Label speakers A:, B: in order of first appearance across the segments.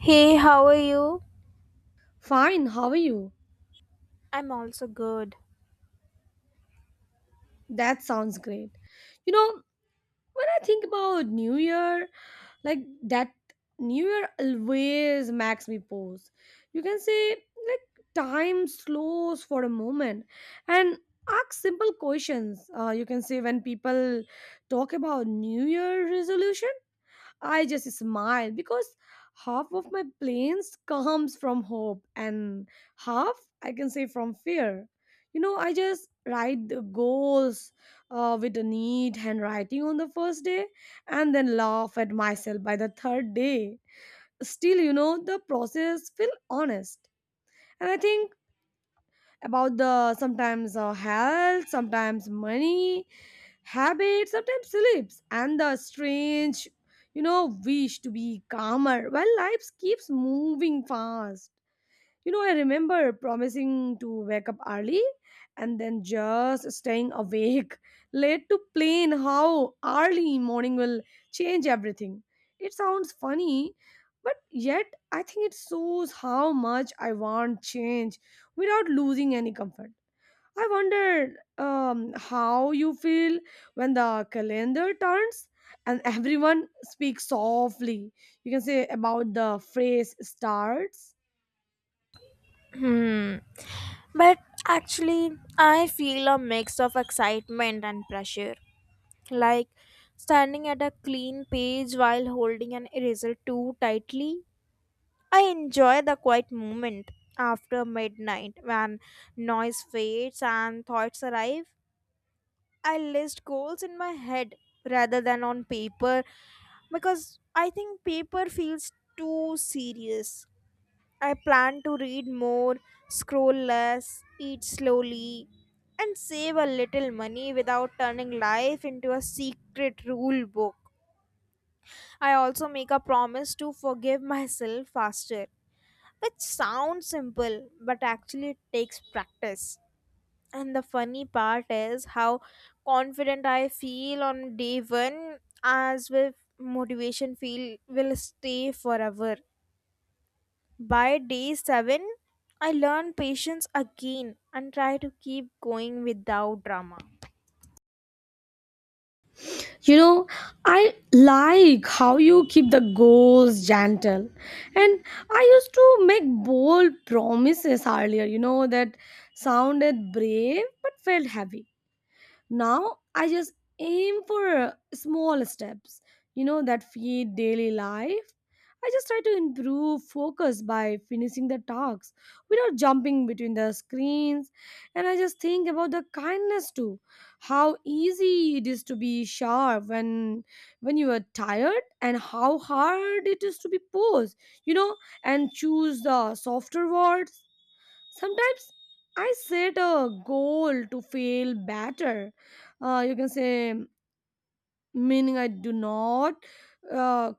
A: Hey, how are you?
B: Fine, how are you?
A: I'm also good.
B: That sounds great. You know, when I think about New Year, like that New Year always makes me pause. You can say, like, time slows for a moment and ask simple questions. When people talk about New Year resolution, I just smile because half of my planes comes from hope and half I can say from fear. I just write the goals with a neat handwriting on the first day and then laugh at myself by the third day. Still, the process feel honest. And I think about the sometimes health, sometimes money, habits, sometimes sleeps, and the strange, wish to be calmer while life keeps moving fast. I remember promising to wake up early and then just staying awake late to plan how early morning will change everything. It sounds funny, but yet I think it shows how much I want change without losing any comfort. I wonder how you feel when the calendar turns and everyone speaks softly. You can say about the phrase starts.
A: Hmm. But actually, I feel a mix of excitement and pressure. Like standing at a clean page while holding an eraser too tightly. I enjoy the quiet moment after midnight when noise fades and thoughts arrive. I list goals in my head rather than on paper because I think paper feels too serious. I plan to read more, scroll less, eat slowly, and save a little money without turning life into a secret rule book. I also make a promise to forgive myself faster, which sounds simple but actually it takes practice. And the funny part is how confident I feel on day one, as with motivation feel will stay forever. By day 7, I learn patience again and try to keep going without drama.
B: you know I like how you keep the goals gentle, and I used to make bold promises earlier, that sounded brave but felt heavy. Now I just aim for small steps, that feed daily life. I just try to improve focus by finishing the tasks without jumping between the screens. And I just think about the kindness too, how easy it is to be sharp when you are tired, and how hard it is to be posed, you know, and choose the softer words. Sometimes I set a goal to feel better. Uh, you can say, Meaning I do not, uh,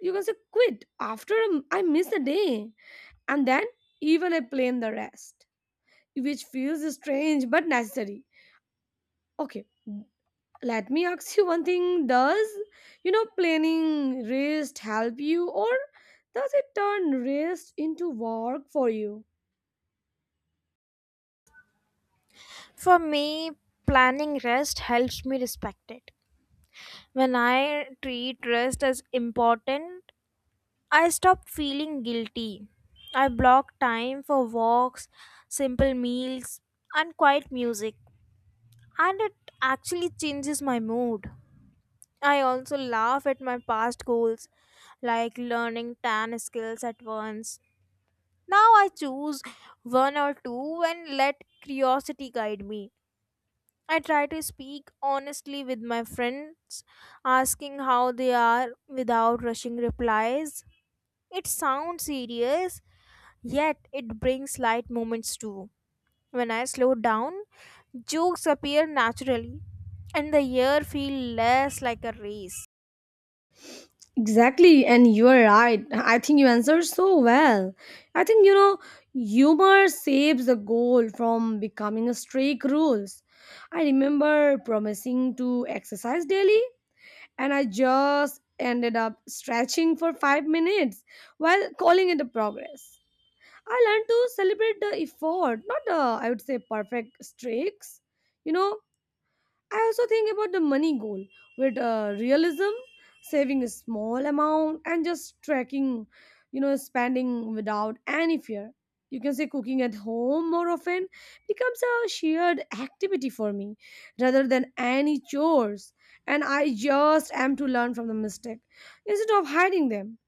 B: quit after I miss a day. And then even I plan the rest, which feels strange but necessary. Okay, let me ask you one thing. Does, planning rest help you, or does it turn rest into work for you?
A: For me, planning rest helps me respect it. When I treat rest as important, I stop feeling guilty. I block time for walks, simple meals, and quiet music, and it actually changes my mood. I also laugh at my past goals, like learning 10 skills at once. Now I choose one or two and let curiosity guide me. I try to speak honestly with my friends, asking how they are without rushing replies. It sounds serious, yet it brings light moments too. When I slow down, jokes appear naturally, and the year feel less like a race.
B: Exactly, and you are right. I think you answered so well. I think humor saves the goal from becoming a strict rules. I remember promising to exercise daily, and I just ended up stretching for 5 minutes while calling it a progress. I learned to celebrate the effort, not the I would say perfect streaks. You know, I also think about the money goal with realism, saving a small amount and just tracking, spending without any fear. You can say cooking at home more often becomes a shared activity for me rather than any chores. And I just am to learn from the mistake instead of hiding them.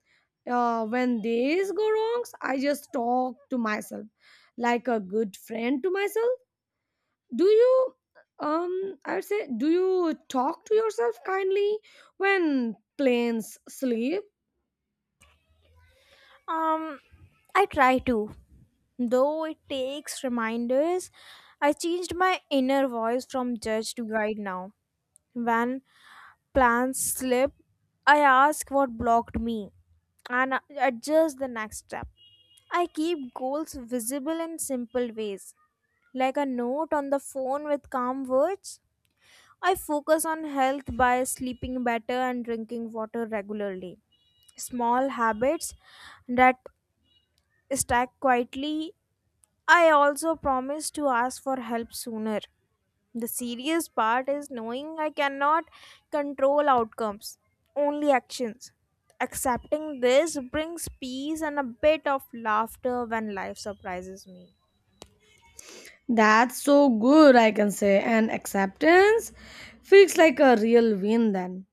B: When these go wrongs, I just talk to myself like a good friend to myself. Do you I would say, do you talk to yourself kindly when planes sleep?
A: Um, I try to. Though it takes reminders, I changed my inner voice from judge to guide now. When plans slip, I ask what blocked me and adjust the next step. I keep goals visible in simple ways, like a note on the phone with calm words. I focus on health by sleeping better and drinking water regularly. Small habits that stack quietly. I also promised to ask for help sooner. The serious part is knowing I cannot control outcomes, only actions. Accepting this brings peace and a bit of laughter when life surprises me.
B: That's so good, I can say. And acceptance feels like a real win then.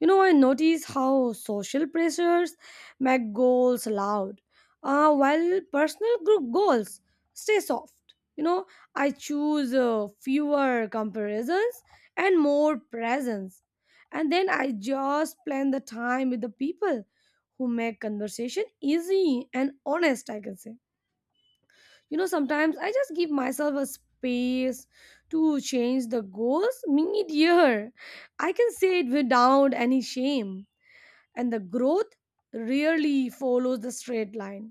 B: You know, I notice how social pressures make goals loud, while personal group goals stay soft. You know, I choose fewer comparisons and more presence. And then I just plan the time with the people who make conversation easy and honest, I can say. Sometimes I just give myself a space to change the goals mid-year. I can say it without any shame, and the growth rarely follows the straight line.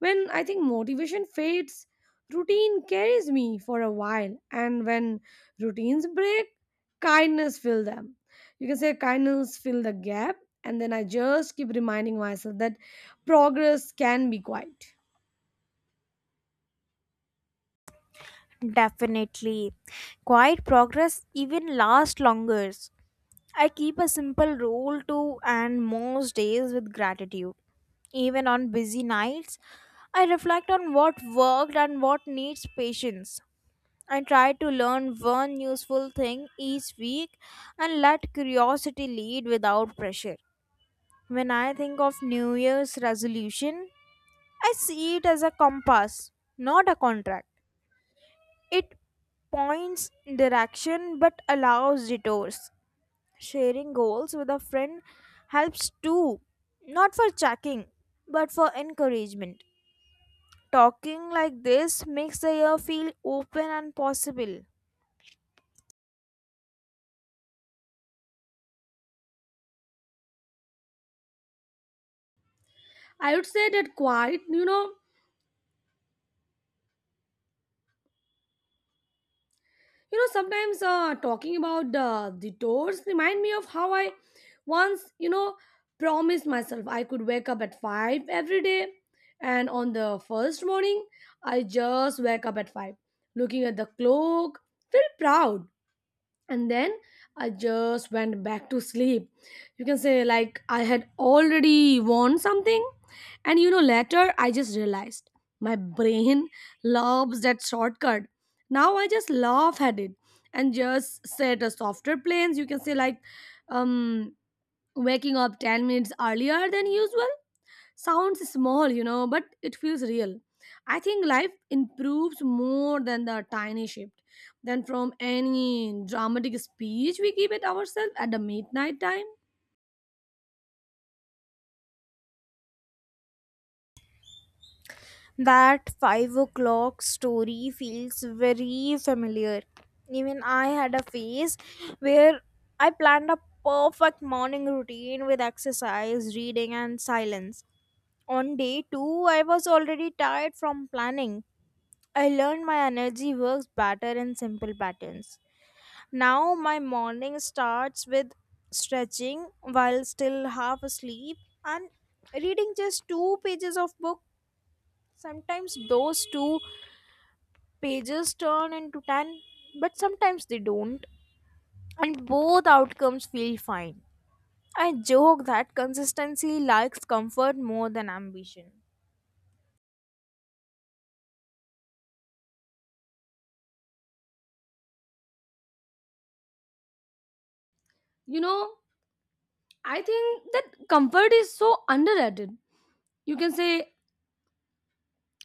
B: When I think motivation fades, routine carries me for a while, and when routines break, kindness fill them. You can say kindness fill the gap, and then I just keep reminding myself that progress can be quiet.
A: Definitely. Quiet progress even lasts longer. I keep a simple rule to end most days with gratitude. Even on busy nights, I reflect on what worked and what needs patience. I try to learn one useful thing each week and let curiosity lead without pressure. When I think of New Year's resolution, I see it as a compass, not a contract. It points direction but allows detours. Sharing goals with a friend helps too, not for checking, but for encouragement. Talking like this makes the year feel open and possible.
B: I would say that quiet, you know, sometimes talking about the doors remind me of how I once, promised myself I could wake up at 5 every day. And on the first morning, I just wake up at 5, looking at the clock, feel proud, and then I just went back to sleep. You can say like I had already won something. And you know, later I just realized my brain loves that shortcut. Now I just laugh at it and just set a softer plans. You can say like, um waking up 10 minutes earlier than usual sounds small, you know, but it feels real. I think life improves more than the tiny shift than from any dramatic speech we give it ourselves at the midnight time.
A: That 5 o'clock story feels very familiar. Even I had a phase where I planned a perfect morning routine with exercise, reading, and silence. On day two, I was already tired from planning. I learned my energy works better in simple patterns. Now my morning starts with stretching while still half asleep and reading just two pages of book. Sometimes those two pages turn into 10, but sometimes they don't, and both outcomes feel fine. I joke that consistency likes comfort more than ambition.
B: you know I think that comfort is so underrated. You can say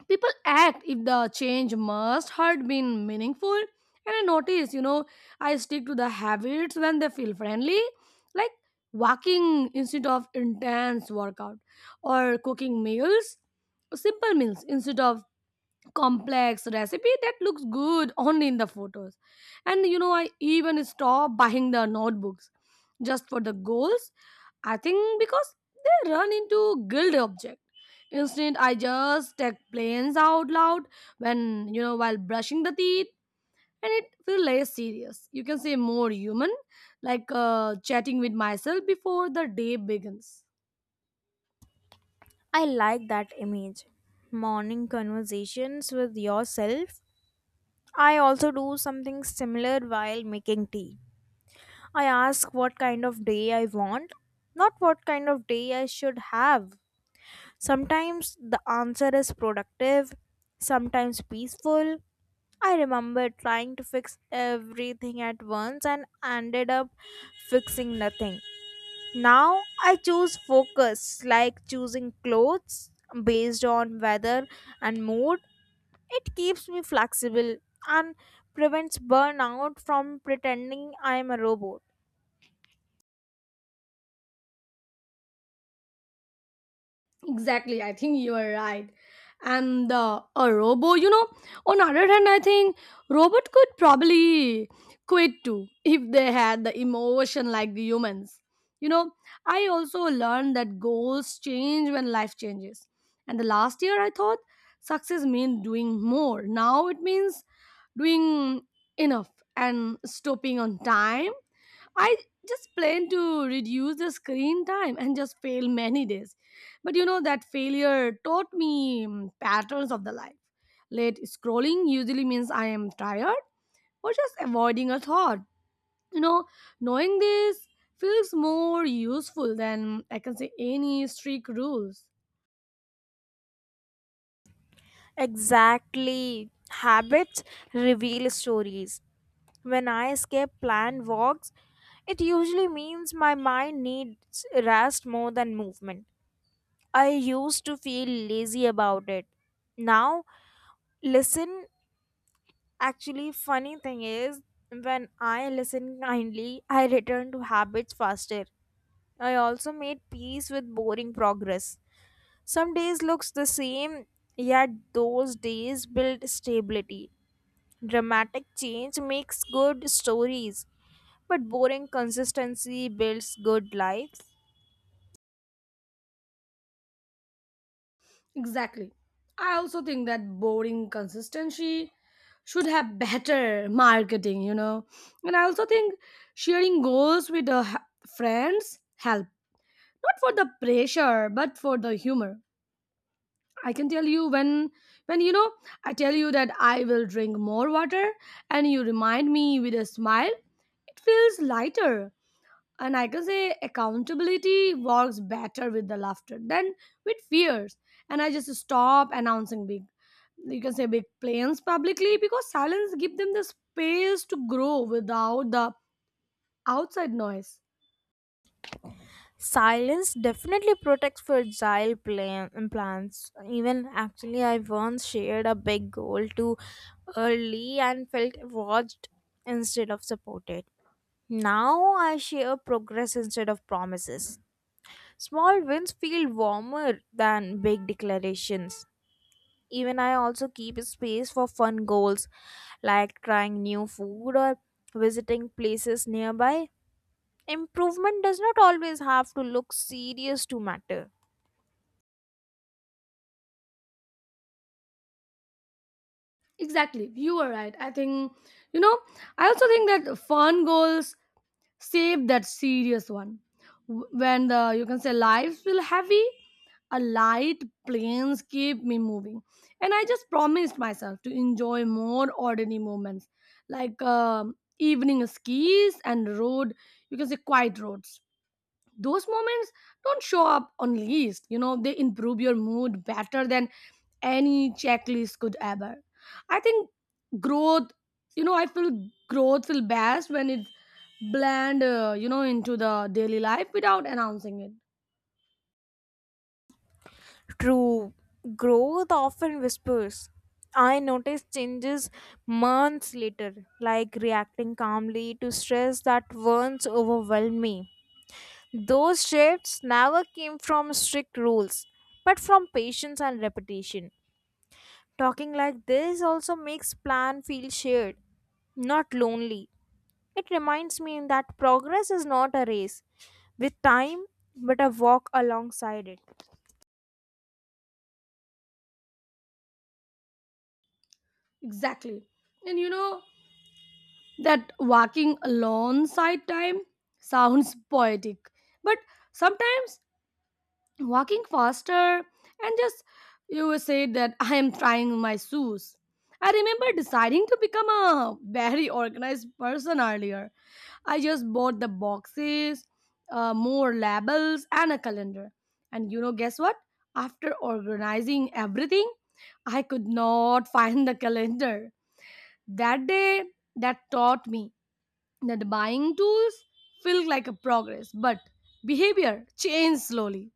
B: people act if the change must had been meaningful, and I notice, I stick to the habits when they feel friendly, like walking instead of intense workout, or cooking meals, simple meals instead of complex recipe that looks good only in the photos. And you know, I even stop buying the notebooks just for the goals. I think because they run into guild object. Instead, I just take planes out loud when you know, while brushing the teeth, and it feel less serious. You can say more human, like chatting with myself before the day begins.
A: I like that image. Morning conversations with yourself. I also do something similar while making tea. I ask what kind of day I want, not what kind of day I should have. Sometimes the answer is productive, sometimes peaceful. I remember trying to fix everything at once and ended up fixing nothing. Now I choose focus, like choosing clothes based on weather and mood. It keeps me flexible and prevents burnout from pretending I am a robot.
B: Exactly, I think you are right. And the a robo, you know, on other hand, I think robot could probably quit too if they had the emotion like the humans. You know, I also learned that goals change when life changes. And the last year, I thought success means doing more. Now it means doing enough and stopping on time. I just plan to reduce the screen time and just fail many days. But you know, that failure taught me patterns of the life. Late scrolling usually means I am tired or just avoiding a thought. You know, knowing this feels more useful than I can say any strict rules.
A: Exactly. Habits reveal stories. When I escape planned walks, it usually means my mind needs rest more than movement. I used to feel lazy about it. Now, listen. Actually, funny thing is, when I listen kindly, I return to habits faster. I also made peace with boring progress. Some days looks the same, yet those days build stability. Dramatic change makes good stories. But boring consistency builds good lives.
B: Exactly. I also think that boring consistency should have better marketing, you know. And I also think sharing goals with the friends help. Not for the pressure, but for the humor. I can tell you when you know, I tell you that I will drink more water and you remind me with a smile, it feels lighter. And I can say accountability works better with the laughter than with fears. And I just stop announcing big, you can say big plans publicly, because silence give them the space to grow without the outside noise.
A: Silence definitely protects fragile plants. Even actually, I once shared a big goal too early and felt watched instead of supported. Now I share progress instead of promises. Small wins feel warmer than big declarations. Even I also keep space for fun goals like trying new food or visiting places nearby. Improvement does not always have to look serious to matter.
B: Exactly, you are right, I think. you know I also think that fun goals save that serious one. When the, you can say, lives feel heavy, a light planes keep me moving. And I just promised myself to enjoy more ordinary moments, like evening skis and road, you can say quiet roads. Those moments don't show up on list, you know, they improve your mood better than any checklist could ever. I think growth, I feel growth feel best when it's blend you know, into the daily life without announcing it.
A: True growth often whispers. I noticed changes months later, like reacting calmly to stress that once overwhelmed me. Those shifts never came from strict rules, but from patience and repetition. Talking like this also makes plan feel shared, not lonely. It reminds me that progress is not a race with time, but a walk alongside it.
B: Exactly. And you know, that walking alongside time sounds poetic, but sometimes walking faster and just, you said that, I am trying my shoes. I remember deciding to become a very organized person earlier. I just bought the boxes, more labels and a calendar. And you know, guess what? After organizing everything, I could not find the calendar that day. That taught me that buying tools feel like a progress, but behavior changed slowly.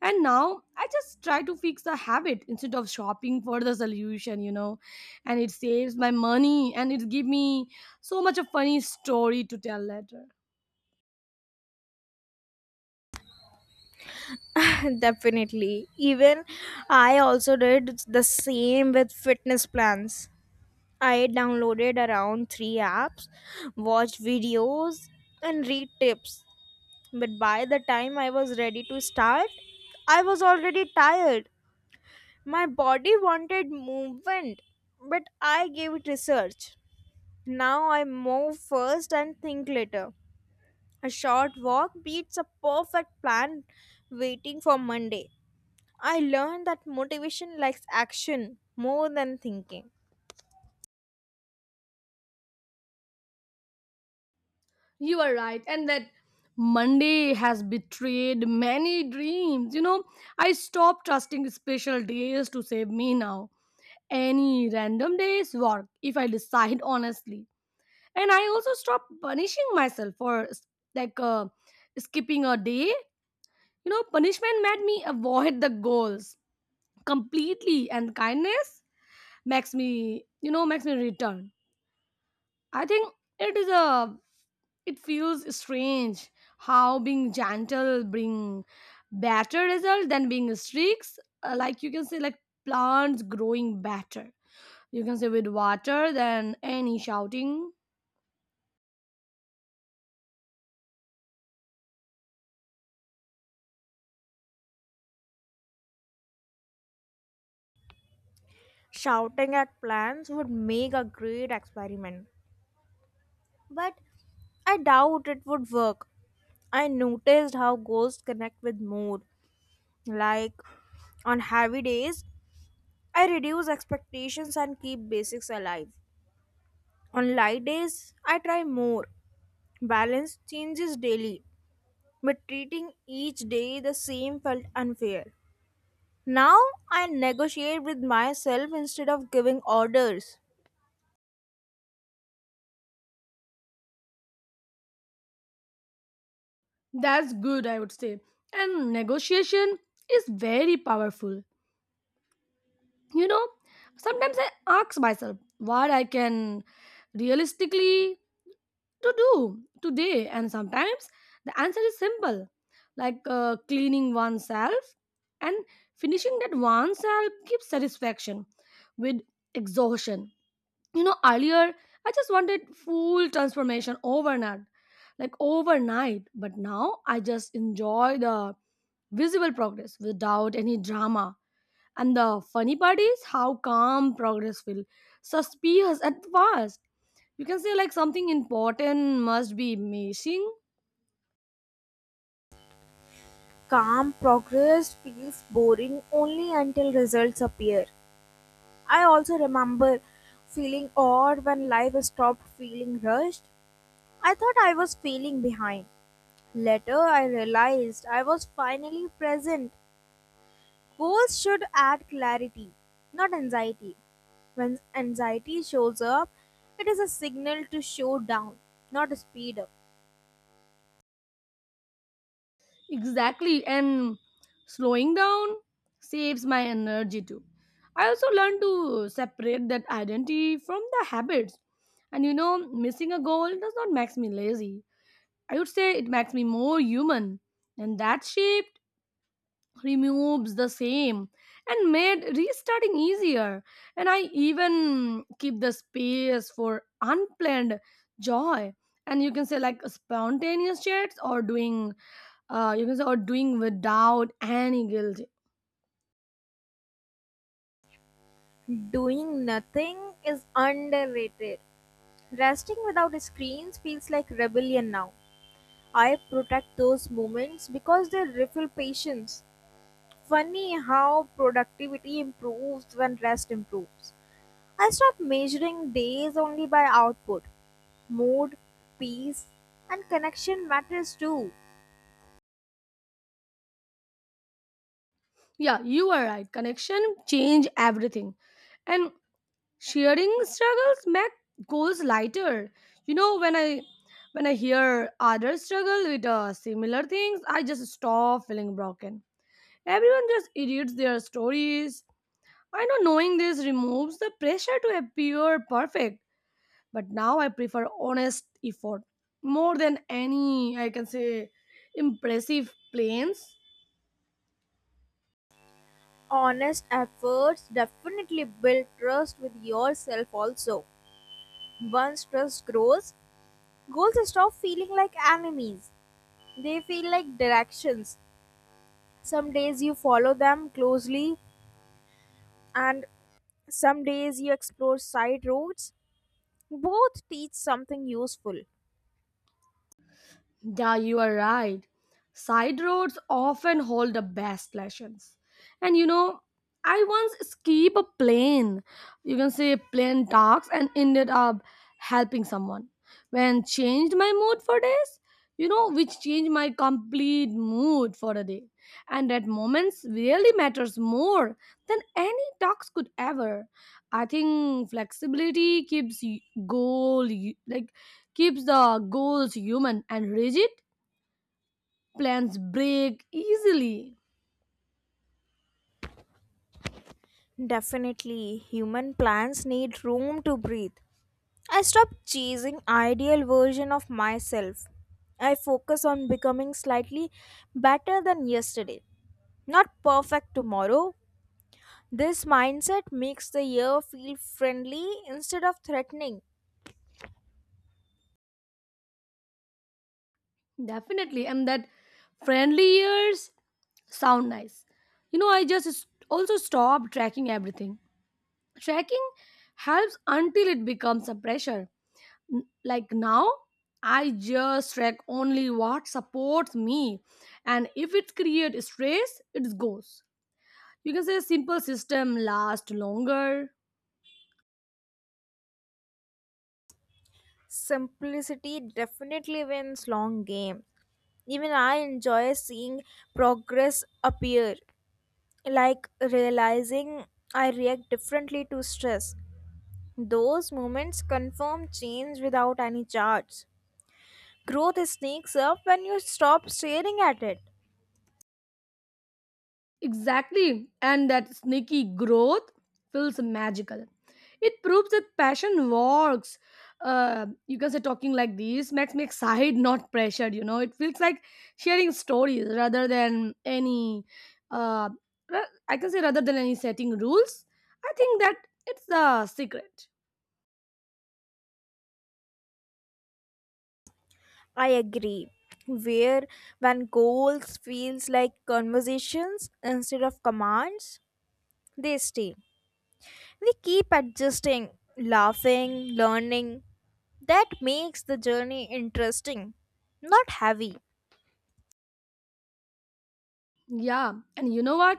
B: And now I just try to fix the habit instead of shopping for the solution, you know. And it saves my money, and it give me so much a funny story to tell later.
A: Definitely. Even I also did the same with fitness plans. I downloaded around three apps, watched videos, and read tips. But by the time I was ready to start, I was already tired. My body wanted movement, but I gave it research. Now I move first and think later. A short walk beats a perfect plan waiting for Monday. I learned that motivation likes action more than thinking.
B: You are right. And that Monday has betrayed many dreams. You know, I stopped trusting special days to save me now. Any random days work if I decide honestly. And I also stop punishing myself for like skipping a day. You know, punishment made me avoid the goals completely, and kindness makes me, makes me return. I think it it feels strange how being gentle bring better result than being streaks. Like you can say, like plants growing better. You can say with water than any shouting.
A: Shouting at plans would make a great experiment, but I doubt it would work. I noticed how goals connect with mood. Like on heavy days, I reduce expectations and keep basics alive. On light days, I try more. Balance changes daily, but treating each day the same felt unfair. Now I negotiate with myself instead of giving orders.
B: That's good, I would say. And negotiation is very powerful, you know. Sometimes I ask myself what I can realistically to do today, and sometimes the answer is simple, like cleaning oneself, and finishing that oneself gives satisfaction with exhaustion. You know, earlier I just wanted full transformation overnight, like overnight, but now I just enjoy the visible progress without any drama. And the funny part is how calm progress feels. Suspicious at first. You can say like something important must be missing.
A: Calm progress feels boring only until results appear. I also remember feeling odd when life stopped feeling rushed. I thought I was feeling behind. Later, I realized I was finally present. Goals should add clarity, not anxiety. When anxiety shows up, it is a signal to show down, not to speed up.
B: Exactly. And slowing down saves my energy too. I also learned to separate that identity from the habits. And you know, missing a goal does not make me lazy. I would say it makes me more human. And that shaped. Removes the same and made restarting easier, and I even keep the space for unplanned joy. And you can say like spontaneous chats or doing you can say or doing without any guilt.
A: Doing nothing is underrated. Resting without screens feels like rebellion now. I protect those moments because they refill patience. Funny how productivity improves when rest improves. I stopped measuring days only by output. Mood, peace, and connection matters too.
B: Yeah, you are right, connection change everything. And sharing struggles make goals lighter. You know, when I hear others struggle with similar things, I just stop feeling broken. Everyone just edits their stories. I know knowing this removes the pressure to appear perfect, but now I prefer honest effort more than any, I can say, impressive plans.
A: Honest efforts definitely build trust with yourself also. Once trust grows, goals stop feeling like enemies. They feel like directions. Some days you follow them closely, and some days you explore side roads. Both teach something useful.
B: Yeah, you are right. Side roads often hold the best lessons. And you know, I once escaped a plane, you can say plane talks, and ended up helping someone. When changed my mood for days, you know, which changed my complete mood for a day. And that moments really matters more than any talks could ever. I think flexibility keeps y- goal y- like keeps the goals human and rigid. Plans break easily.
A: Definitely, human plans need room to breathe. I stop chasing ideal version of myself. I focus on becoming slightly better than yesterday. Not perfect tomorrow. This mindset makes the year feel friendly instead of threatening.
B: Definitely. And that friendly years sound nice. You know, I just also stop tracking everything. Tracking helps until it becomes a pressure. Like now, I just track only what supports me, and if it creates stress, it goes. You can say a simple system lasts longer.
A: Simplicity definitely wins long game. Even I enjoy seeing progress appear, like realizing I react differently to stress. Those moments confirm change without any charge. Growth sneaks up when you stop staring at it.
B: Exactly. And that sneaky growth feels magical. It proves that passion works. You can say talking like this makes me excited, not pressured. You know, it feels like sharing stories rather than any, uh, I can say rather than any setting rules. I think that it's the secret.
A: I agree. Where When goals feels like conversations instead of commands, they stay. We keep adjusting, laughing, learning. That makes the journey interesting, not heavy.
B: Yeah. And you know what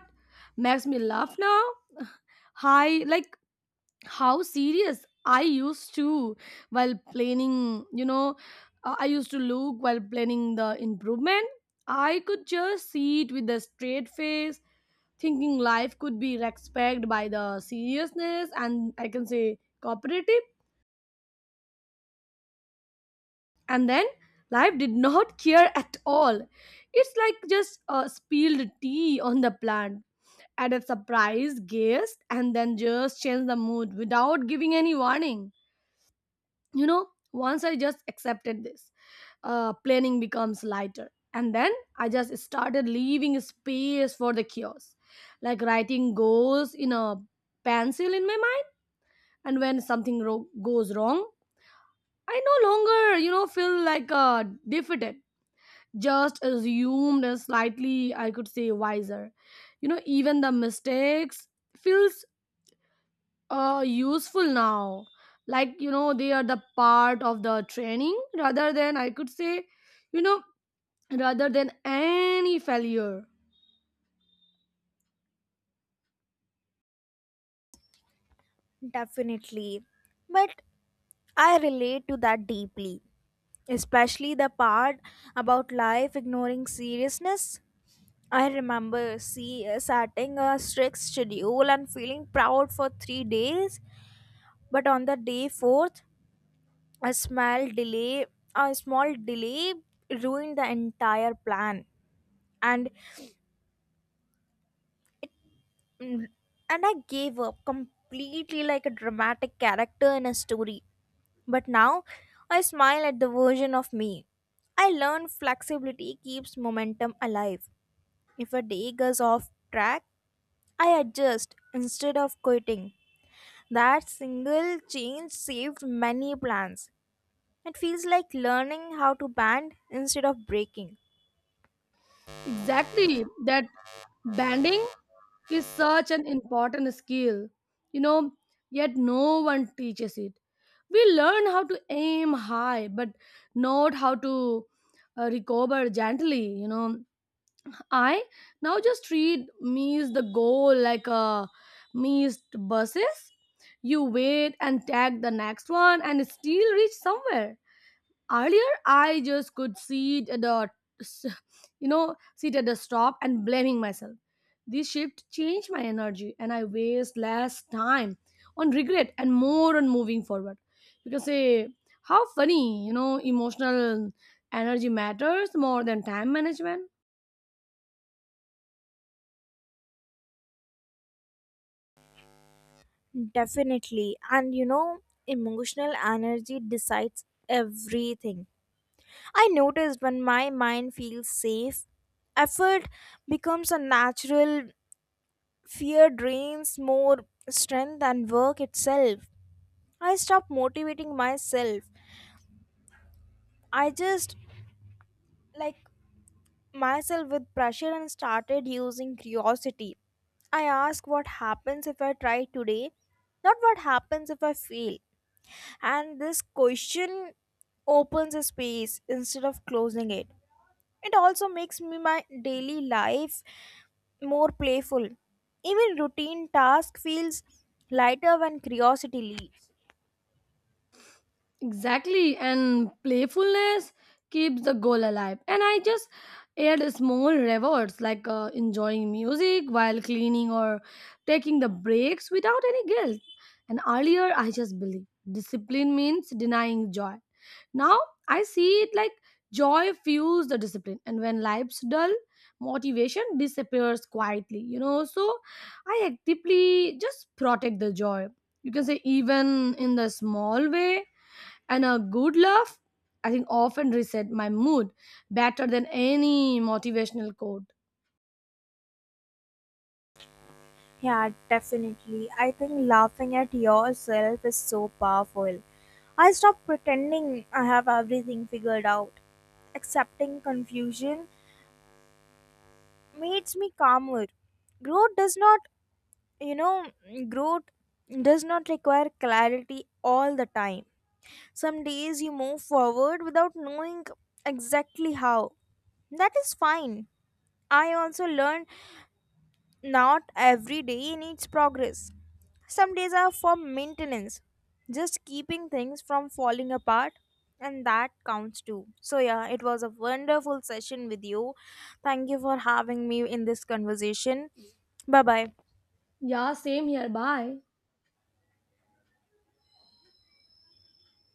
B: makes me laugh now? High, like how serious I used to while planning, you know, I used to look while planning the improvement. I could just see it with a straight face thinking life could be respected by the seriousness and I can say cooperative. And then life did not care at all. It's like just spilled tea on the plant at a surprise guest and then just change the mood without giving any warning. You know, once I just accepted this, planning becomes lighter. And then I just started leaving space for the chaos, like writing goes in a pencil in my mind. And when something goes wrong, I no longer, you know, feel like defeated, just assumed as slightly, I could say, wiser. You know, even the mistakes feels useful now, like, you know, they are the part of the training rather than, I could say, you know, rather than any failure.
A: Definitely. But I relate to that deeply, especially the part about life ignoring seriousness. I remember setting a strict schedule and feeling proud for 3 days. But on the day fourth, a small delay, a small delay ruined the entire plan, and mm, and I gave up completely like a dramatic character in a story. But now, I smile at the version of me. I learned flexibility keeps momentum alive. If a day goes off track, I adjust instead of quitting. That single change saved many plans. It feels like learning how to band instead of breaking.
B: Exactly, that banding is such an important skill, you know, yet no one teaches it. We learn how to aim high but not how to recover gently, you know. I now just treat me's the goal like a me's buses. You wait and tag the next one and still reach somewhere. Earlier, I just could sit at the, you know, sit at the stop and blaming myself. This shift changed my energy, and I waste less time on regret and more on moving forward. You can say how funny, you know, emotional energy matters more than time management.
A: Definitely. And you know, emotional energy decides everything. I noticed when my mind feels safe, effort becomes a natural, fear drains more strength than work itself. I stop motivating myself. I just like myself with pressure and started using curiosity. I asked what happens if I try today, not what happens if I fail. And this question opens a space instead of closing it. It also makes me my daily life more playful. Even routine task feels lighter when curiosity leads.
B: Exactly, and playfulness keeps the goal alive. And I just add small rewards like enjoying music while cleaning or taking the breaks without any guilt. And earlier, I just believed discipline means denying joy. Now I see it like joy fuels the discipline, and when life's dull, motivation disappears quietly. You know, so I actively just protect the joy. You can say even in the small way, and a good laugh I think often reset my mood better than any motivational quote.
A: Yeah, definitely. I think laughing at yourself is so powerful. I stopped pretending I have everything figured out. Accepting confusion makes me calmer. Growth does not, you know, growth does not require clarity all the time. Some days you move forward without knowing exactly how. That is fine. I also learned not every day needs progress. Some days are for maintenance, just keeping things from falling apart, and that counts too. So, yeah, it was a wonderful session with you. Thank you for having me in this conversation. Bye bye.
B: Yeah, same here. Bye.